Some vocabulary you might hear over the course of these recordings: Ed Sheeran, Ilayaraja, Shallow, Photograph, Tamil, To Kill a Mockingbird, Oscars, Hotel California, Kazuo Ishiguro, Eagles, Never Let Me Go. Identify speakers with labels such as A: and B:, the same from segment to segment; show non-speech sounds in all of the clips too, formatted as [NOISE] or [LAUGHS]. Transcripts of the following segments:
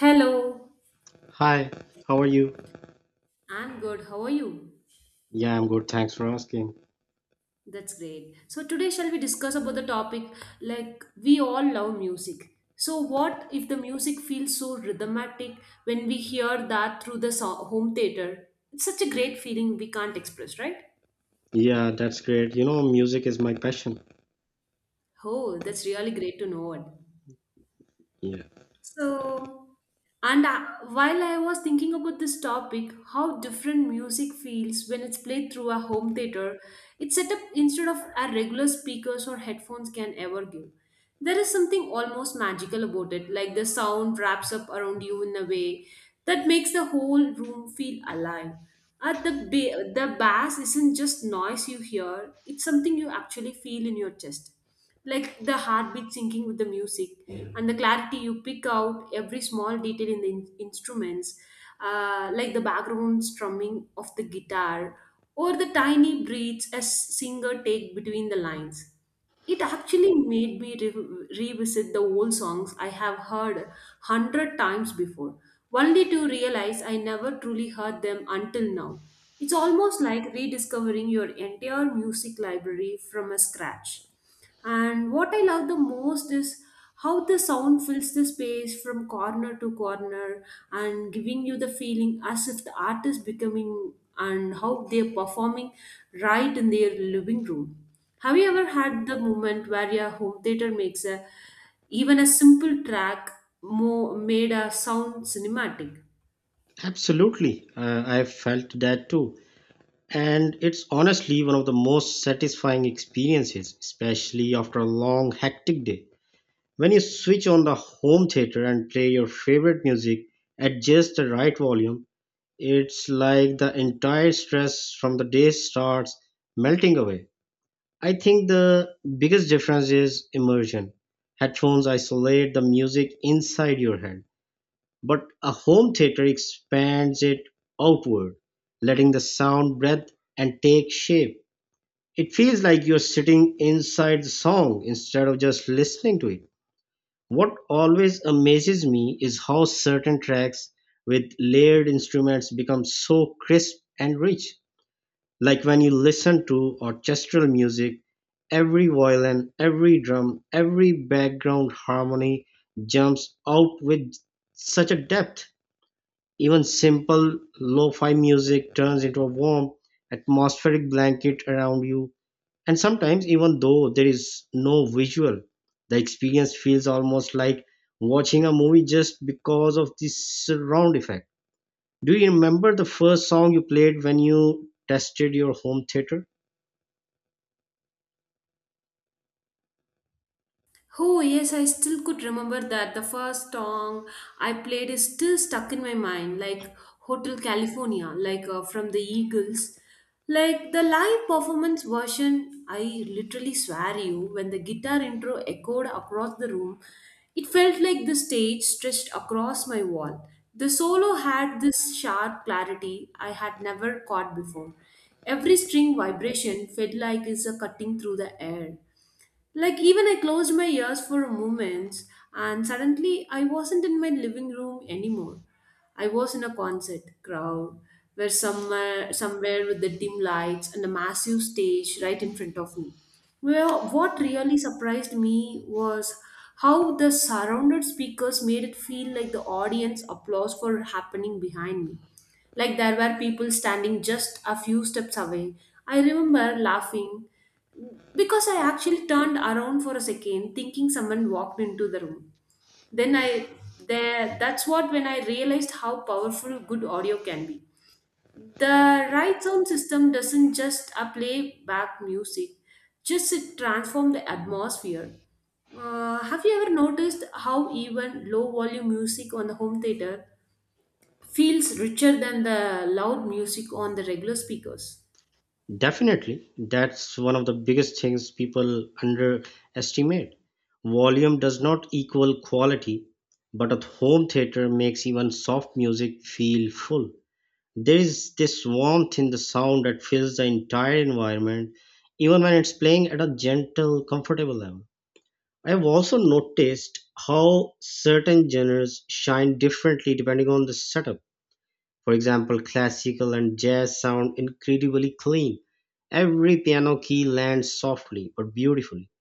A: Hello,
B: Hi, how are you?
A: I'm good. How are you?
B: Yeah, I'm good. Thanks for asking.
A: That's great. So today shall we discuss about the topic like we all love music. So what if the music feels so rhythmatic when we hear that through the home theater? It's such a great feeling we can't express, right?
B: Yeah, that's great. You know, music is my passion.
A: Oh, that's really great to know it.
B: Yeah,
A: So, and I, while I was thinking about this topic, how different music feels when it's played through a home theater, it's set up instead of our regular speakers or headphones can ever give. There is something almost magical about it, like the sound wraps up around you in a way that makes the whole room feel alive. At the the bass isn't just noise you hear; it's something you actually feel in your chest, like the heartbeat syncing with the music and the clarity you pick out every small detail in the instruments, like the background strumming of the guitar or the tiny breaths a singer take between the lines. It actually made me revisit the old songs I have heard 100 times before, only to realize I never truly heard them until now. It's almost like rediscovering your entire music library from a scratch. And what I love the most is how the sound fills the space from corner to corner and giving you the feeling as if the artist becoming and how they're performing right in their living room. Have you ever had the moment where your home theater makes a even a simple track made a sound cinematic?
B: absolutely. I felt that too. And it's honestly one of the most satisfying experiences, especially after a long, hectic day. When you switch on the home theater and play your favorite music at just the right volume, it's like the entire stress from the day starts melting away. I think the biggest difference is immersion. Headphones isolate the music inside your head, but a home theater expands it outward, letting the sound breathe and take shape. It feels like you're sitting inside the song instead of just listening to it. What always amazes me is how certain tracks with layered instruments become so crisp and rich, like when you listen to orchestral music, every violin, every drum, every background harmony jumps out with such a depth. Even simple lo fi music turns into a warm, atmospheric blanket around you. And sometimes, even though there is no visual, the experience feels almost like watching a movie just because of the surround effect. Do you remember the first song you played when you tested your home theater?
A: Oh, yes, I still could remember that. The first song I played is still stuck in my mind, like Hotel California, like from the Eagles. Like the live performance version, I literally swear you, when the guitar intro echoed across the room, it felt like the stage stretched across my wall. The solo had this sharp clarity I had never caught before. Every string vibration felt like it's a cutting through the air. Like, even I closed my ears for a moment, and suddenly I wasn't in my living room anymore. I was in a concert crowd where somewhere with the dim lights and a massive stage right in front of me. Well, what really surprised me was how the surrounded speakers made it feel like the audience applause for happening behind me. Like there were people standing just a few steps away. I remember laughing because I actually turned around for a second thinking someone walked into the room. Then I there that's what when I realized how powerful good audio can be. The right sound system doesn't just play back music, just it transform the atmosphere. Have you ever noticed how even low volume music on the home theater feels richer than the loud music on the regular speakers?
B: Definitely, that's one of the biggest things people underestimate. Volume does not equal quality, but a home theater makes even soft music feel full. There is this warmth in the sound that fills the entire environment, even when it's playing at a gentle, comfortable level. I've also noticed how certain genres shine differently depending on the setup. For example, classical and jazz sound incredibly clean. Every piano key lands softly but beautifully.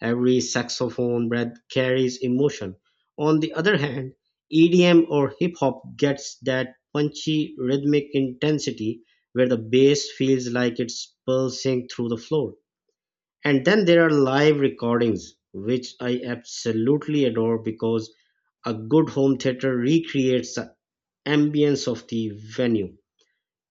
B: Every saxophone breath carries emotion. On the other hand, EDM or hip hop gets that punchy rhythmic intensity where the bass feels like it's pulsing through the floor. And then there are live recordings, which I absolutely adore because a good home theater recreates the ambience of the venue.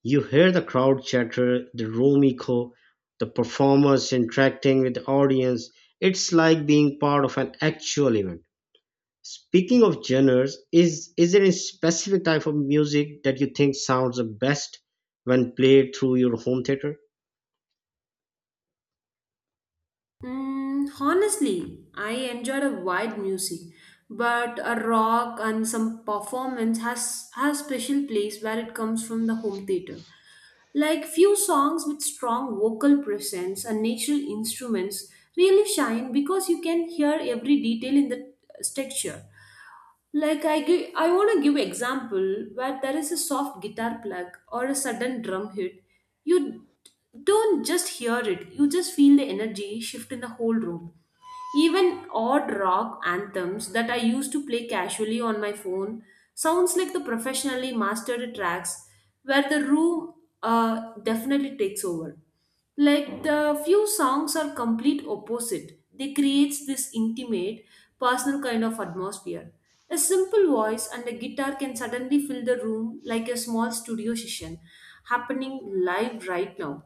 B: You hear the crowd chatter, the room echo, the performers interacting with the audience. It's like being part of an actual event. Speaking of genres, is there a specific type of music that you think sounds the best when played through your home theater?
A: Honestly, I enjoyed a wide music, but a rock and some performance has special place where it comes from the home theater. Like few songs with strong vocal presence and natural instruments really shine because you can hear every detail in the texture. Like I want to give example where there is a soft guitar plug or a sudden drum hit. You don't just hear it; you just feel the energy shift in the whole room. Even odd rock anthems that I used to play casually on my phone sounds like the professionally mastered tracks where the room definitely takes over. Like the few songs are complete opposite. They creates this intimate, personal kind of atmosphere. A simple voice and a guitar can suddenly fill the room like a small studio session happening live right now.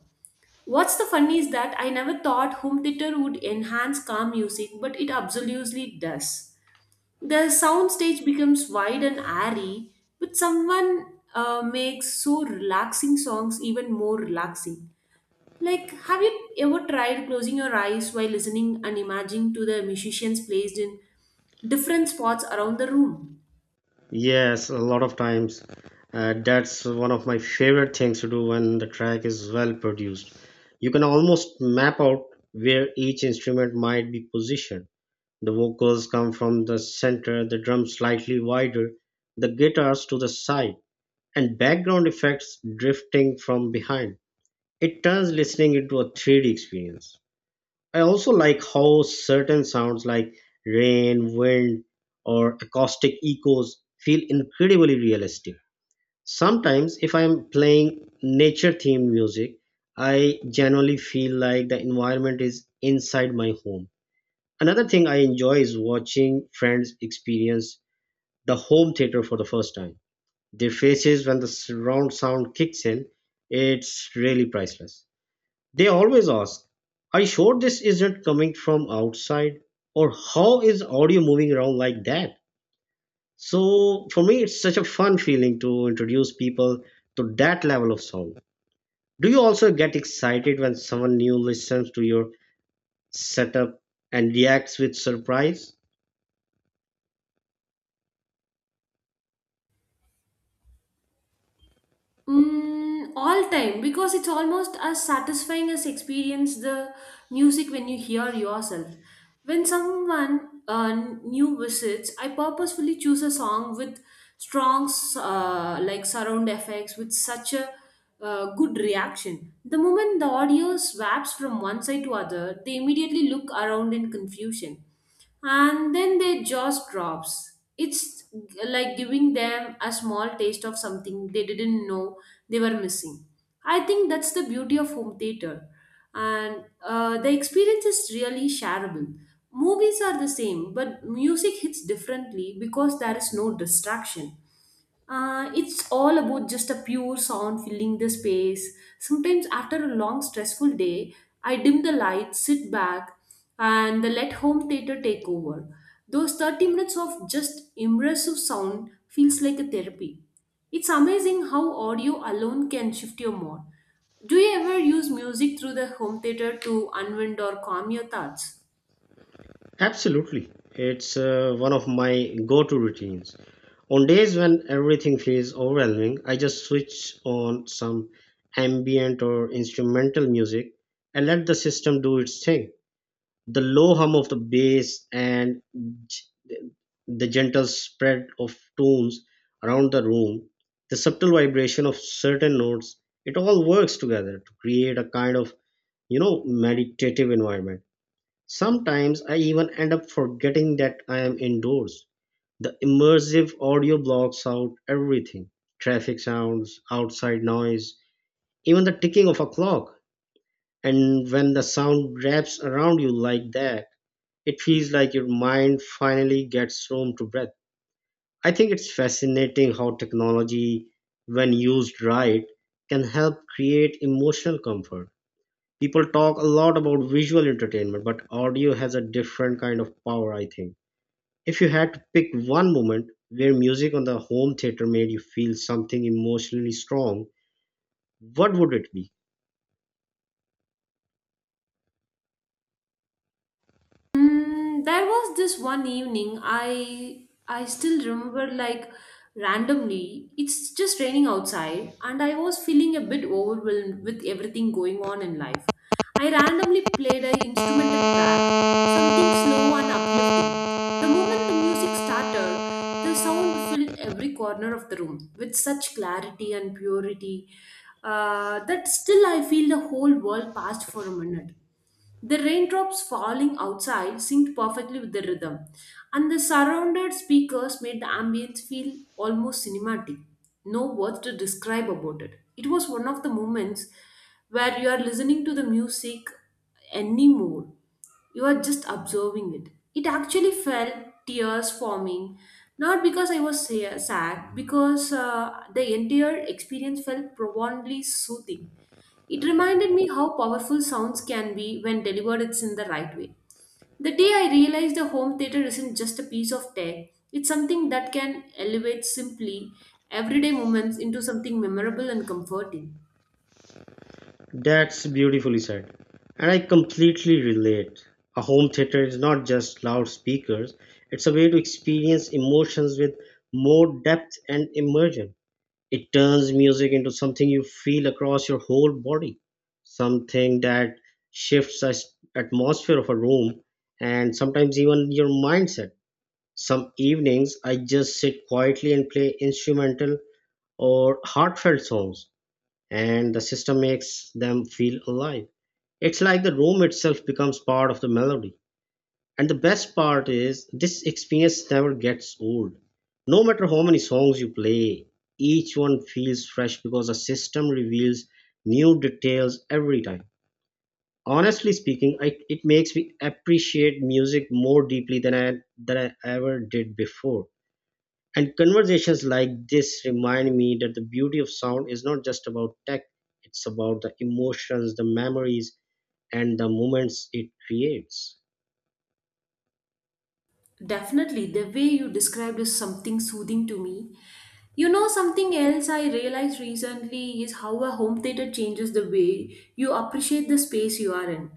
A: What's the funny is that I never thought home theater would enhance calm music, but it absolutely does. The soundstage becomes wide and airy, but someone makes so relaxing songs even more relaxing. Like, have you ever tried closing your eyes while listening and imagining to the musicians placed in different spots around the room?
B: Yes, a lot of times. That's one of my favorite things to do when the track is well produced. You can almost map out where each instrument might be positioned. The vocals come from the center, the drums slightly wider, the guitars to the side, and background effects drifting from behind. It turns listening into a 3D experience. I also like how certain sounds like rain, wind, or acoustic echoes feel incredibly realistic. Sometimes, if I am playing nature themed music, I generally feel like the environment is inside my home. Another thing I enjoy is watching friends experience the home theater for the first time. Their faces when the surround sound kicks in, it's really priceless. They always ask, "Are you sure this isn't coming from outside?" Or, "How is audio moving around like that?" So for me, it's such a fun feeling to introduce people to that level of sound. Do you also get excited when someone new listens to your setup and reacts with surprise?
A: All time because it's almost as satisfying as experience the music when you hear yourself. When someone new visits, I purposefully choose a song with strong like surround effects with such a good reaction. The moment the audio swaps from one side to other, they immediately look around in confusion, and then their jaws drops. It's like giving them a small taste of something they didn't know they were missing. I think that's the beauty of home theater, and the experience is really shareable. Movies are the same, but music hits differently because there is no distraction. It's all about just a pure sound filling the space. Sometimes, after a long, stressful day, I dim the lights, sit back, and let home theater take over. Those 30 minutes of just immersive sound feels like a therapy. It's amazing how audio alone can shift your mood. Do you ever use music through the home theater to unwind or calm your thoughts?
B: Absolutely. It's one of my go to routines. On days when everything feels overwhelming, I just switch on some ambient or instrumental music and let the system do its thing. The low hum of the bass and g- the gentle spread of tones around the room, the subtle vibration of certain notes, it all works together to create a kind of, you know, meditative environment. Sometimes I even end up forgetting that I am indoors. The immersive audio blocks out everything: traffic sounds, outside noise, even the ticking of a clock. And when the sound wraps around you like that, it feels like your mind finally gets room to breathe. I think it's fascinating how technology, when used right, can help create emotional comfort. People talk a lot about visual entertainment, but audio has a different kind of power, I think. If you had to pick one moment where music on the home theater made you feel something emotionally strong, what would it be?
A: There was this one evening I still remember, like, randomly it's just raining outside and I was feeling a bit overwhelmed with everything going on in life. I randomly played an instrumental track, something slow and uplifting. The moment the music started, the sound filled every corner of the room with such clarity and purity, that still I feel the whole world passed for a minute. The raindrops falling outside synced perfectly with the rhythm, and the surrounded speakers made the ambience feel almost cinematic. No words to describe about it. It was one of the moments where you are listening to the music anymore. You are just observing it. It actually felt tears forming, not because I was sad, because the entire experience felt profoundly soothing. It reminded me how powerful sounds can be when delivered it's in the right way. The day I realized the home theater isn't just a piece of tech, it's something that can elevate simply everyday moments into something memorable and comforting.
B: That's beautifully said. And I completely relate. A home theater is not just loudspeakers, it's a way to experience emotions with more depth and immersion. It turns music into something you feel across your whole body, something that shifts the atmosphere of a room and sometimes even your mindset. Some evenings I just sit quietly and play instrumental or heartfelt songs, and the system makes them feel alive. It's like the room itself becomes part of the melody. And the best part is, this experience never gets old. No matter how many songs you play, each one feels fresh because the system reveals new details every time. Honestly speaking, it makes me appreciate music more deeply than than I ever did before. And conversations like this remind me that the beauty of sound is not just about tech, it's about the emotions, the memories, and the moments it creates.
A: Definitely, the way you described is something soothing to me. You know, something else I realized recently is how a home theater changes the way you appreciate the space you are in.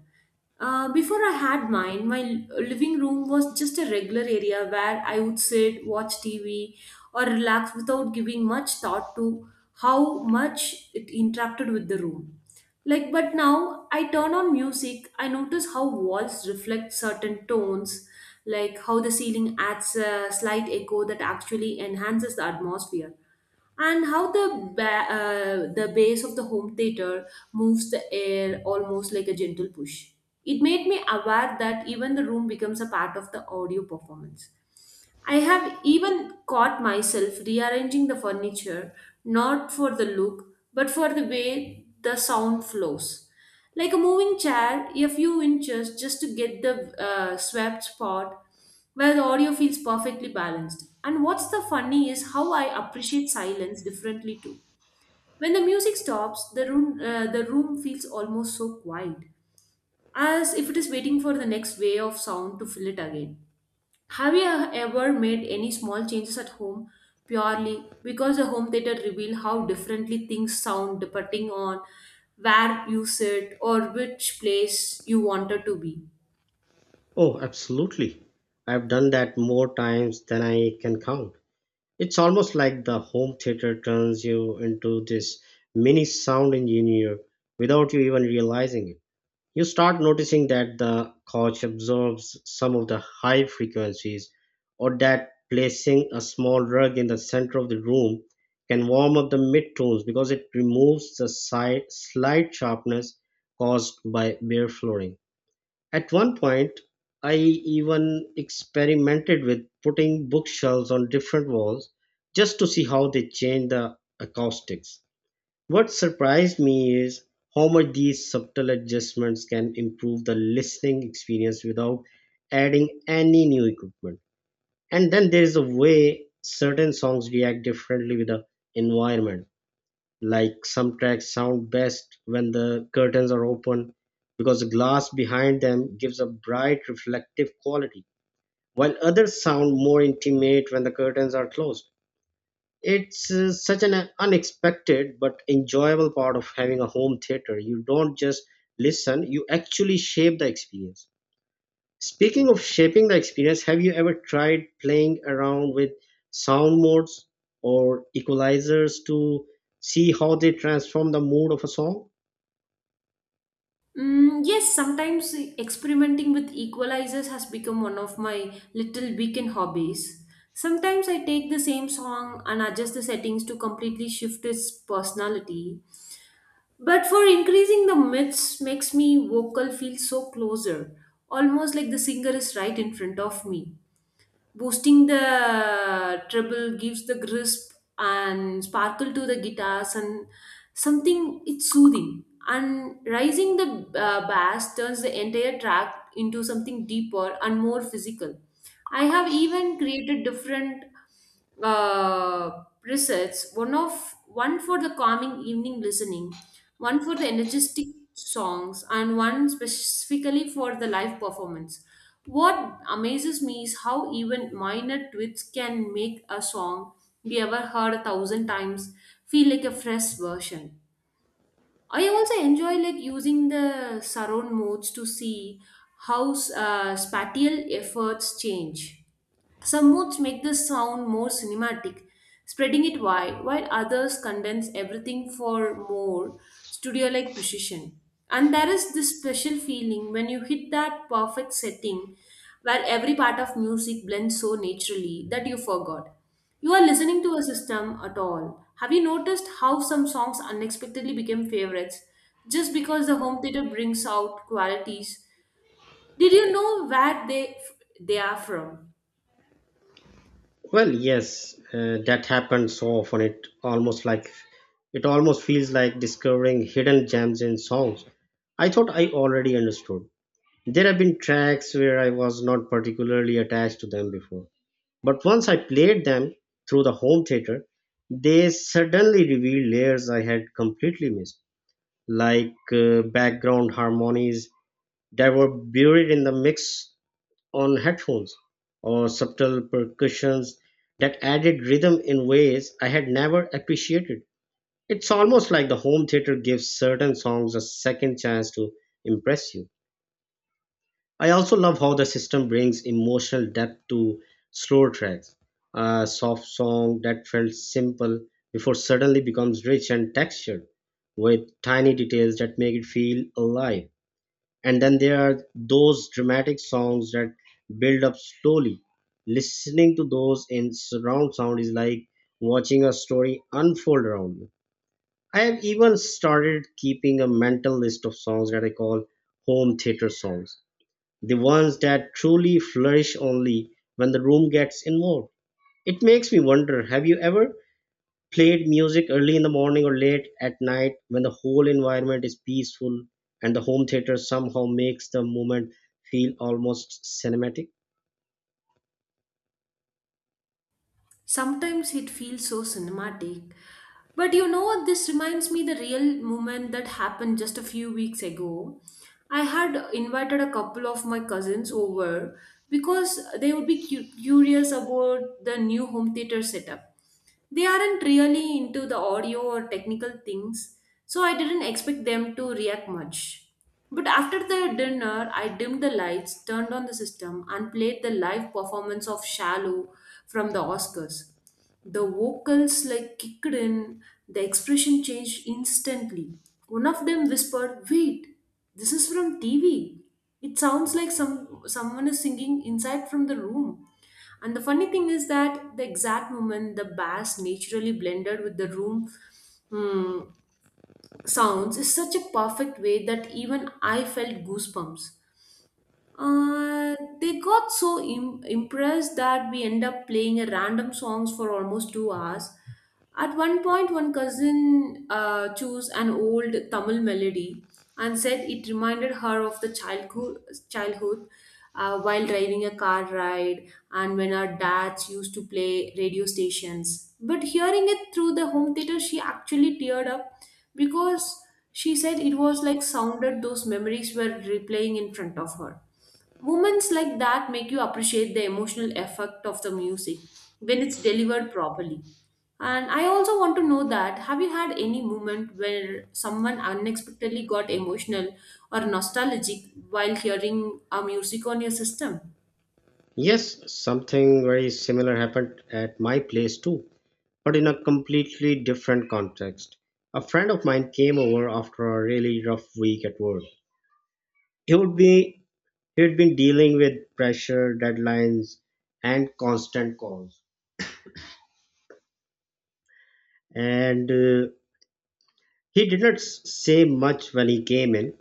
A: Before I had mine, my living room was just a regular area where I would sit, watch TV, or relax without giving much thought to how much it interacted with the room. Like, but now I turn on music, I notice how walls reflect certain tones, like how the ceiling adds a slight echo that actually enhances the atmosphere, and how the the bass of the home theater moves the air almost like a gentle push. It made me aware that even the room becomes a part of the audio performance. I have even caught myself rearranging the furniture, not for the look, but for the way the sound flows. Like a moving chair, a few inches just to get the swept spot where the audio feels perfectly balanced. And what's the funny is how I appreciate silence differently too. When the music stops, the room feels almost so quiet, as if it is waiting for the next wave of sound to fill it again. Have you ever made any small changes at home purely because the home theater reveal how differently things sound depending on where you sit or which place you wanted to be?
B: Oh, absolutely. I've done that more times than I can count. It's almost like the home theater turns you into this mini sound engineer without you even realizing it. You start noticing that the couch absorbs some of the high frequencies, or that placing a small rug in the center of the room can warm up the midtones because it removes the slight sharpness caused by bare flooring. At one point, I even experimented with putting bookshelves on different walls just to see how they change the acoustics. What surprised me is how much these subtle adjustments can improve the listening experience without adding any new equipment. And then there is a way certain songs react differently with the environment. Like, some tracks sound best when the curtains are open because the glass behind them gives a bright reflective quality, while others sound more intimate when the curtains are closed. It's such an unexpected but enjoyable part of having a home theater. You don't just listen, you actually shape the experience. Speaking of shaping the experience, have you ever tried playing around with sound modes or equalizers to see how they transform the mood of a song?
A: Mm, yes, sometimes experimenting with equalizers has become one of my little weekend hobbies. Sometimes I take the same song and adjust the settings to completely shift its personality. But for increasing the myths makes me vocal feel so closer, almost like the singer is right in front of me. Boosting the treble gives the crisp and sparkle to the guitars and something it's soothing. And rising the bass turns the entire track into something deeper and more physical. I have even created different presets, one for the calming evening listening, one for the energetic songs, and one specifically for the live performance. What amazes me is how even minor tweaks can make a song we ever heard a 1,000 times feel like a fresh version. I also enjoy, like, using the surround modes to see how spatial efforts change. Some modes make the sound more cinematic, spreading it wide, while others condense everything for more studio like precision. And there is this special feeling when you hit that perfect setting where every part of music blends so naturally that you forgot. You are listening to a system at all. Have you noticed how some songs unexpectedly became favorites just because the home theater brings out qualities? Did you know where they are from?
B: Well, yes, that happens so often. It almost feels like discovering hidden gems in songs I thought I already understood. There have been tracks where I was not particularly attached to them before, but once I played them through the home theater, they suddenly revealed layers I had completely missed, like background harmonies that were buried in the mix on headphones, or subtle percussions that added rhythm in ways I had never appreciated. It's almost like the home theater gives certain songs a second chance to impress you. I also love how the system brings emotional depth to slow tracks. A soft song that felt simple before suddenly becomes rich and textured with tiny details that make it feel alive. And then there are those dramatic songs that build up slowly. Listening to those in surround sound is like watching a story unfold around you. I have even started keeping a mental list of songs that I call home theater songs, the ones that truly flourish only when the room gets involved. It makes me wonder, have you ever played music early in the morning or late at night when the whole environment is peaceful and the home theater somehow makes the moment feel almost cinematic?
A: Sometimes it feels so cinematic. But you know what? This reminds me the real moment that happened just a few weeks ago. I had invited a couple of my cousins over because they would be curious about the new home theater setup. They aren't really into the audio or technical things, so I didn't expect them to react much. But after the dinner, I dimmed the lights, turned on the system, and played the live performance of Shallow from the Oscars. The vocals like kicked in, the expression changed instantly. One of them whispered, "Wait, this is from TV. It sounds like someone is singing inside from the room." And the funny thing is that the exact moment the bass naturally blended with the room mm, sounds is such a perfect way that even I felt goosebumps. Uh, they got so impressed that we end up playing a random songs for almost two hours. At one point, one cousin chose an old Tamil melody and said it reminded her of the childhood, childhood while driving a car ride and when our dads used to play radio stations. But hearing it through the home theater, she actually teared up because she said it was like sounded those memories were replaying in front of her. Moments like that make you appreciate the emotional effect of the music when it's delivered properly. And I also want to know that have you had any moment where someone unexpectedly got emotional or nostalgic while hearing a music on your system?
B: Yes, something very similar happened at my place too, but in a completely different context. A friend of mine came over after a really rough week at work. He would be He'd been dealing with pressure, deadlines, and constant calls. And he did not say much when he came in.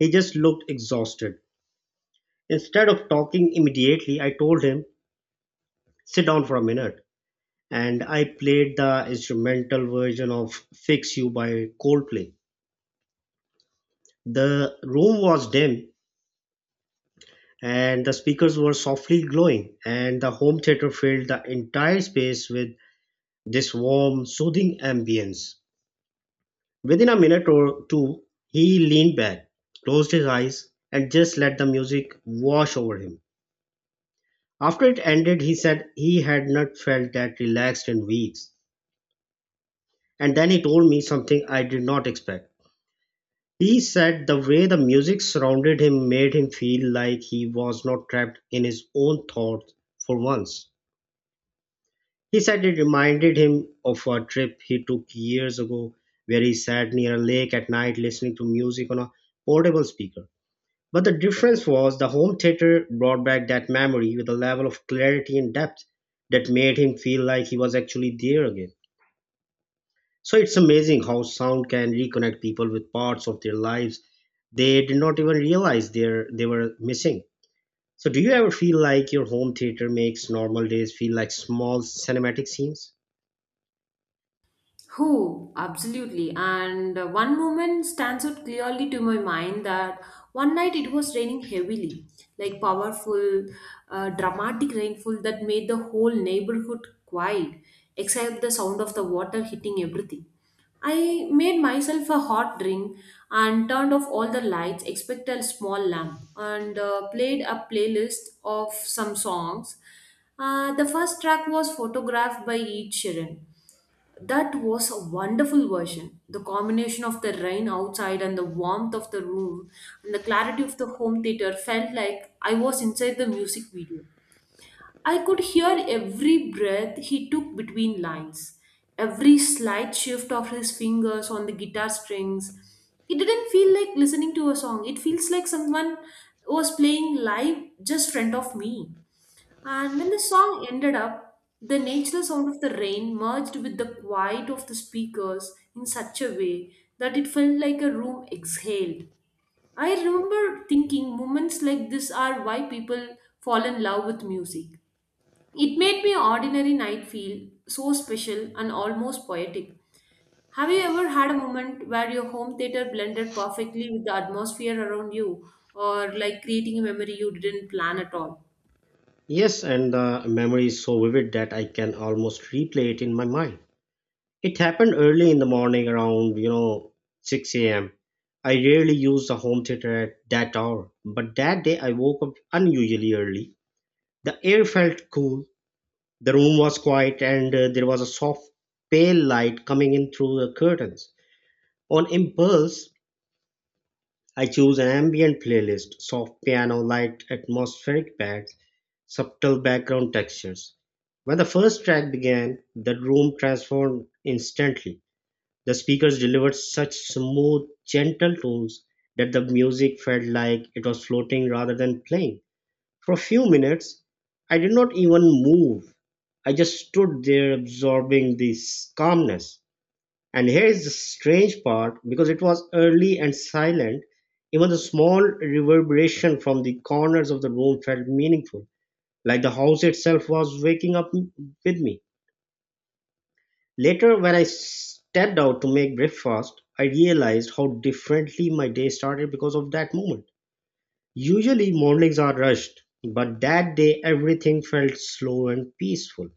B: He just looked exhausted. Instead of talking immediately, I told him, sit down for a minute. And I played the instrumental version of Fix You by Coldplay. The room was dim and the speakers were softly glowing, and the home theater filled the entire space with this warm, soothing ambience. Within a minute or two he leaned back, closed his eyes, and just let the music wash over him. After it ended, he said he had not felt that relaxed in weeks. And then he told me something I did not expect. He said the way the music surrounded him made him feel like he was not trapped in his own thoughts for once. He said it reminded him of a trip he took years ago where he sat near a lake at night listening to music on a portable speaker. But the difference was the home theater brought back that memory with a level of clarity and depth that made him feel like he was actually there again. So it's amazing how sound can reconnect people with parts of their lives they did not even realize they were missing. So do you ever feel like your home theater makes normal days feel like small cinematic scenes?
A: Who? Absolutely. And one moment stands out clearly to my mind that one night it was raining heavily, like powerful, dramatic rainfall that made the whole neighborhood quiet, except the sound of the water hitting everything. I made myself a hot drink and turned off all the lights except a small lamp and played a playlist of some songs. The first track was photographed by Ed Sheeran, that was a wonderful version. The combination of the rain outside and the warmth of the room and the clarity of the home theater felt like I was inside the music video. I could hear every breath he took between lines, every slight shift of his fingers on the guitar strings. It didn't feel like listening to a song, it feels like someone was playing live just front of me. And when the song ended up, the natural sound of the rain merged with the quiet of the speakers in such a way that it felt like a room exhaled. I remember thinking moments like this are why people fall in love with music. It made my ordinary night feel so special and almost poetic. Have you ever had a moment where your home theater blended perfectly with the atmosphere around you or like creating a memory you didn't plan at all?
B: Yes, and the memory is so vivid that I can almost replay it in my mind. It happened early in the morning around, 6 a.m. I rarely use the home theater at that hour, but that day I woke up unusually early. The air felt cool, the room was quiet, and there was a soft, pale light coming in through the curtains. On impulse, I chose an ambient playlist soft piano, light, atmospheric pads, subtle background textures. When the first track began, the room transformed instantly. The speakers delivered such smooth, gentle tones that the music felt like it was floating rather than playing. For a few minutes, I did not even move. I just stood there absorbing this calmness. And here is the strange part because it was early and silent, even the small reverberation from the corners of the room felt meaningful, like the house itself was waking up with me. Later when I stepped out to make breakfast, I realized how differently my day started because of that moment. Usually mornings are rushed, but that day everything felt slow and peaceful.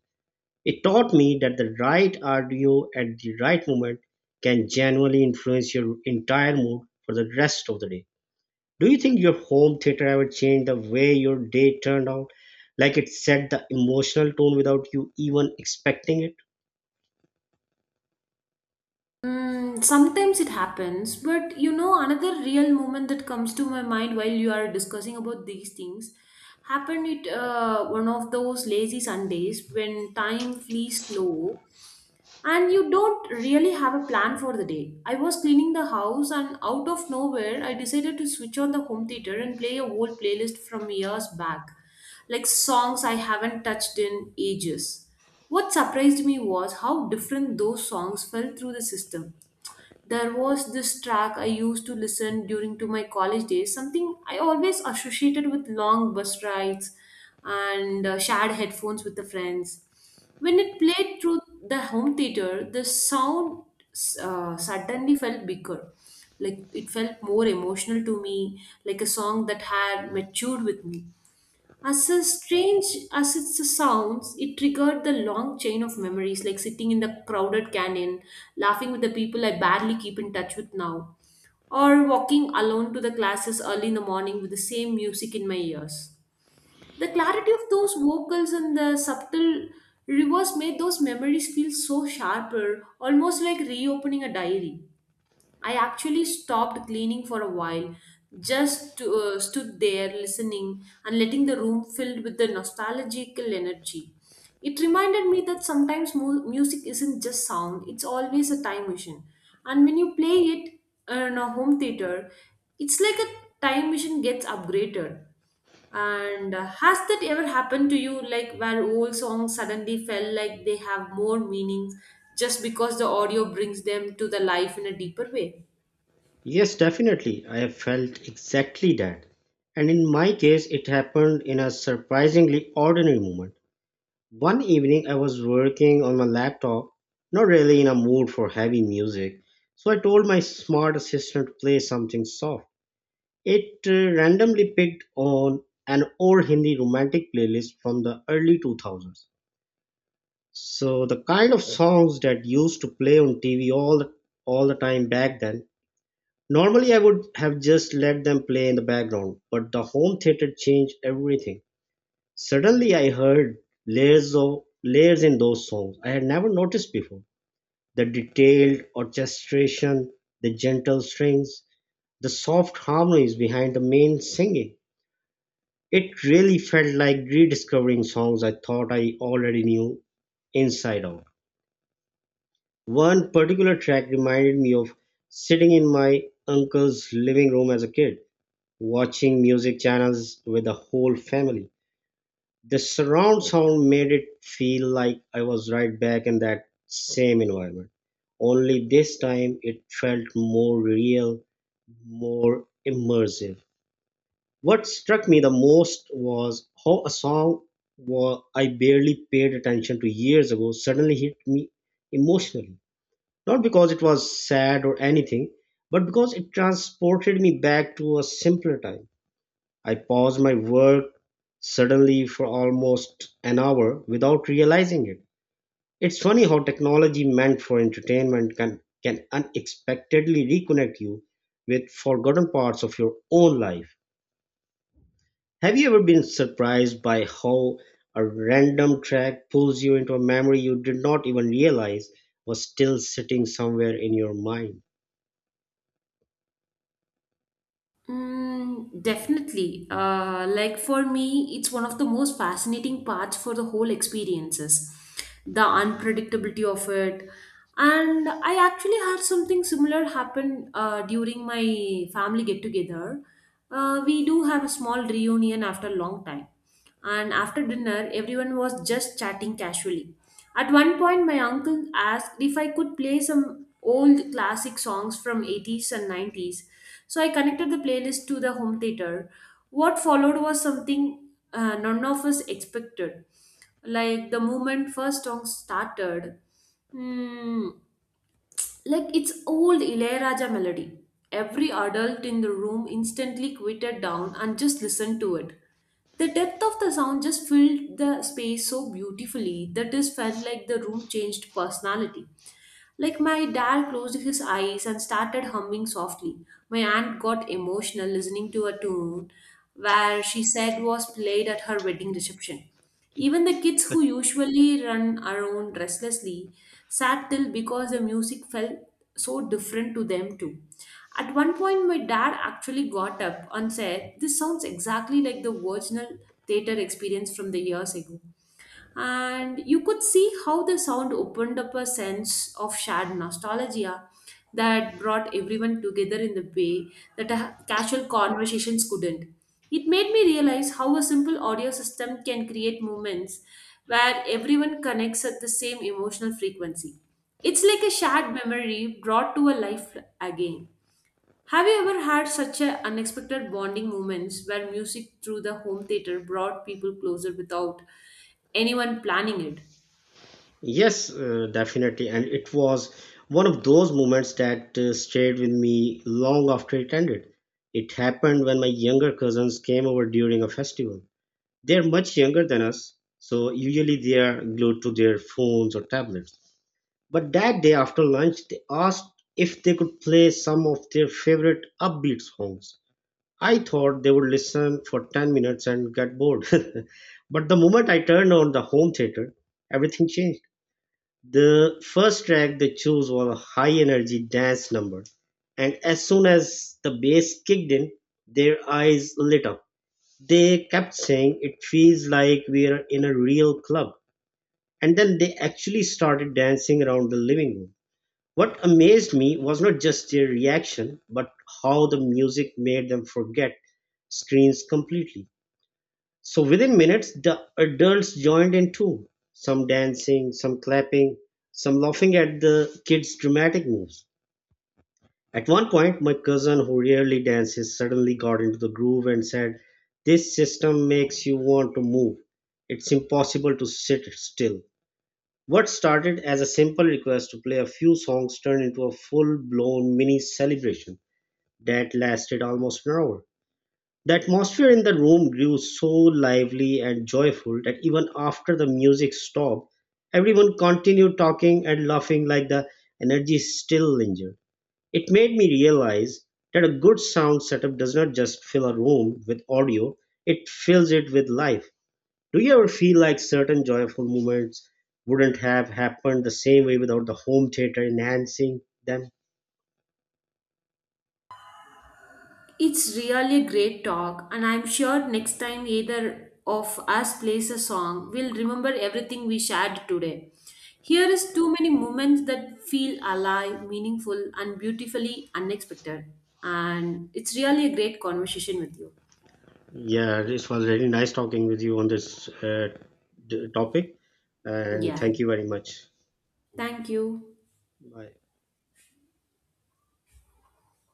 B: It taught me that the right audio at the right moment can genuinely influence your entire mood for the rest of the day. Do you think your home theater ever changed the way your day turned out? Like it set the emotional tone without you even expecting it?
A: Mm, sometimes it happens, but you know, another real moment that comes to my mind while you are discussing about these things happened it one of those lazy Sundays when time flees slow and you don't really have a plan for the day. I was cleaning the house and out of nowhere I decided to switch on the home theater and play a old playlist from years back, like songs I haven't touched in ages. What surprised me was how different those songs felt through the system. There was this track I used to listen during to my college days, something I always associated with long bus rides and shared headphones with the friends. When it played through the home theater, the sound suddenly felt bigger. Like it felt more emotional to me, like a song that had matured with me. As a strange as it sounds, it triggered the long chain of memories, like sitting in the crowded canyon, laughing with the people I barely keep in touch with now, or walking alone to the classes early in the morning with the same music in my ears. The clarity of those vocals and the subtle reverse made those memories feel so sharper, almost like reopening a diary. I actually stopped cleaning for a while, just to, stood there listening and letting the room filled with the nostalgical energy. It reminded me that sometimes music isn't just sound, it's always a time machine. And when you play it in a home theater, it's like a time machine gets upgraded. And has that ever happened to you, like where old songs suddenly felt like they have more meanings just because the audio brings them to the life in a deeper way?
B: Yes, definitely. I have felt exactly that. And in my case, it happened in a surprisingly ordinary moment. One evening, I was working on my laptop, not really in a mood for heavy music, so I told my smart assistant to play something soft. It randomly picked on an old Hindi romantic playlist from the early 2000s. So the kind of songs that used to play on TV all the time back then. Normally, I would have just let them play in the background, but the home theater changed everything. Suddenly, I heard layers of layers in those songs I had never noticed before. The detailed orchestration, the gentle strings, the soft harmonies behind the main singing. It really felt like rediscovering songs I thought I already knew inside out. One particular track reminded me of sitting in my uncle's living room as a kid watching music channels with the whole family. The surround sound made it feel like I was right back in that same environment. Only this time it felt more real, more immersive. What struck me the most was how a song I barely paid attention to years ago suddenly hit me emotionally. Not because it was sad or anything, but because it transported me back to a simpler time. I paused my work suddenly for almost an hour without realizing it. It's funny how technology meant for entertainment can unexpectedly reconnect you with forgotten parts of your own life. Have you ever been surprised by how a random track pulls you into a memory you did not even realize was still sitting somewhere in your mind?
A: Mm, definitely. Like for me, it's one of the most fascinating parts for the whole experiences, the unpredictability of it. And I actually had something similar happen during my family get together. We do have a small reunion after a long time. And after dinner, everyone was just chatting casually. At one point, my uncle asked if I could play some old classic songs from 80's and 90's. So I connected the playlist to the home theater. What followed was something none of us expected. Like the moment first song started, hmm, like it's old Ilayaraja melody. Every adult in the room instantly quieted down and just listened to it. The depth of the sound just filled the space so beautifully that it felt like the room changed personality. Like my dad closed his eyes and started humming softly. My aunt got emotional listening to a tune where she said was played at her wedding reception. Even the kids who usually run around restlessly sat still because the music felt so different to them too. At one point, my dad actually got up and said, "This sounds exactly like the original theater experience from the years ago," and you could see how the sound opened up a sense of shared nostalgia that brought everyone together in the way that a casual conversations couldn't. It made me realize how a simple audio system can create moments where everyone connects at the same emotional frequency. It's like a shared memory brought to a life again. Have you ever had such a unexpected bonding moments where music through the home theater brought people closer without anyone planning it?
B: Yes, definitely. And it was one of those moments that stayed with me long after it ended. It happened when my younger cousins came over during a festival. They're much younger than us, so usually they are glued to their phones or tablets. But that day after lunch, they asked if they could play some of their favorite upbeat songs. I thought they would listen for 10 minutes and get bored. [LAUGHS] But the moment I turned on the home theater, everything changed. The first track they chose was a high-energy dance number, and as soon as the bass kicked in, their eyes lit up. They kept saying, "It feels like we're in a real club." And then they actually started dancing around the living room. What amazed me was not just their reaction, but how the music made them forget screens completely. So within minutes, the adults joined in too, some dancing, some clapping, some laughing at the kids' dramatic moves. At one point, my cousin, who rarely dances, suddenly got into the groove and said, "This system makes you want to move. It's impossible to sit still." What started as a simple request to play a few songs turned into a full blown mini celebration that lasted almost an hour. The atmosphere in the room grew so lively and joyful that even after the music stopped, everyone continued talking and laughing like the energy still lingered. It made me realize that a good sound setup does not just fill a room with audio, it fills it with life. Do you ever feel like certain joyful moments wouldn't have happened the same way without the home theater enhancing them?
A: It's really a great talk, and I'm sure next time either of us plays a song, we'll remember everything we shared today. Here is too many moments that feel alive, meaningful, and beautifully unexpected. And it's really a great conversation with you.
B: Yeah, it was really nice talking with you on this topic, and
A: Yeah.
B: thank you very much.
A: Thank you.
B: Bye.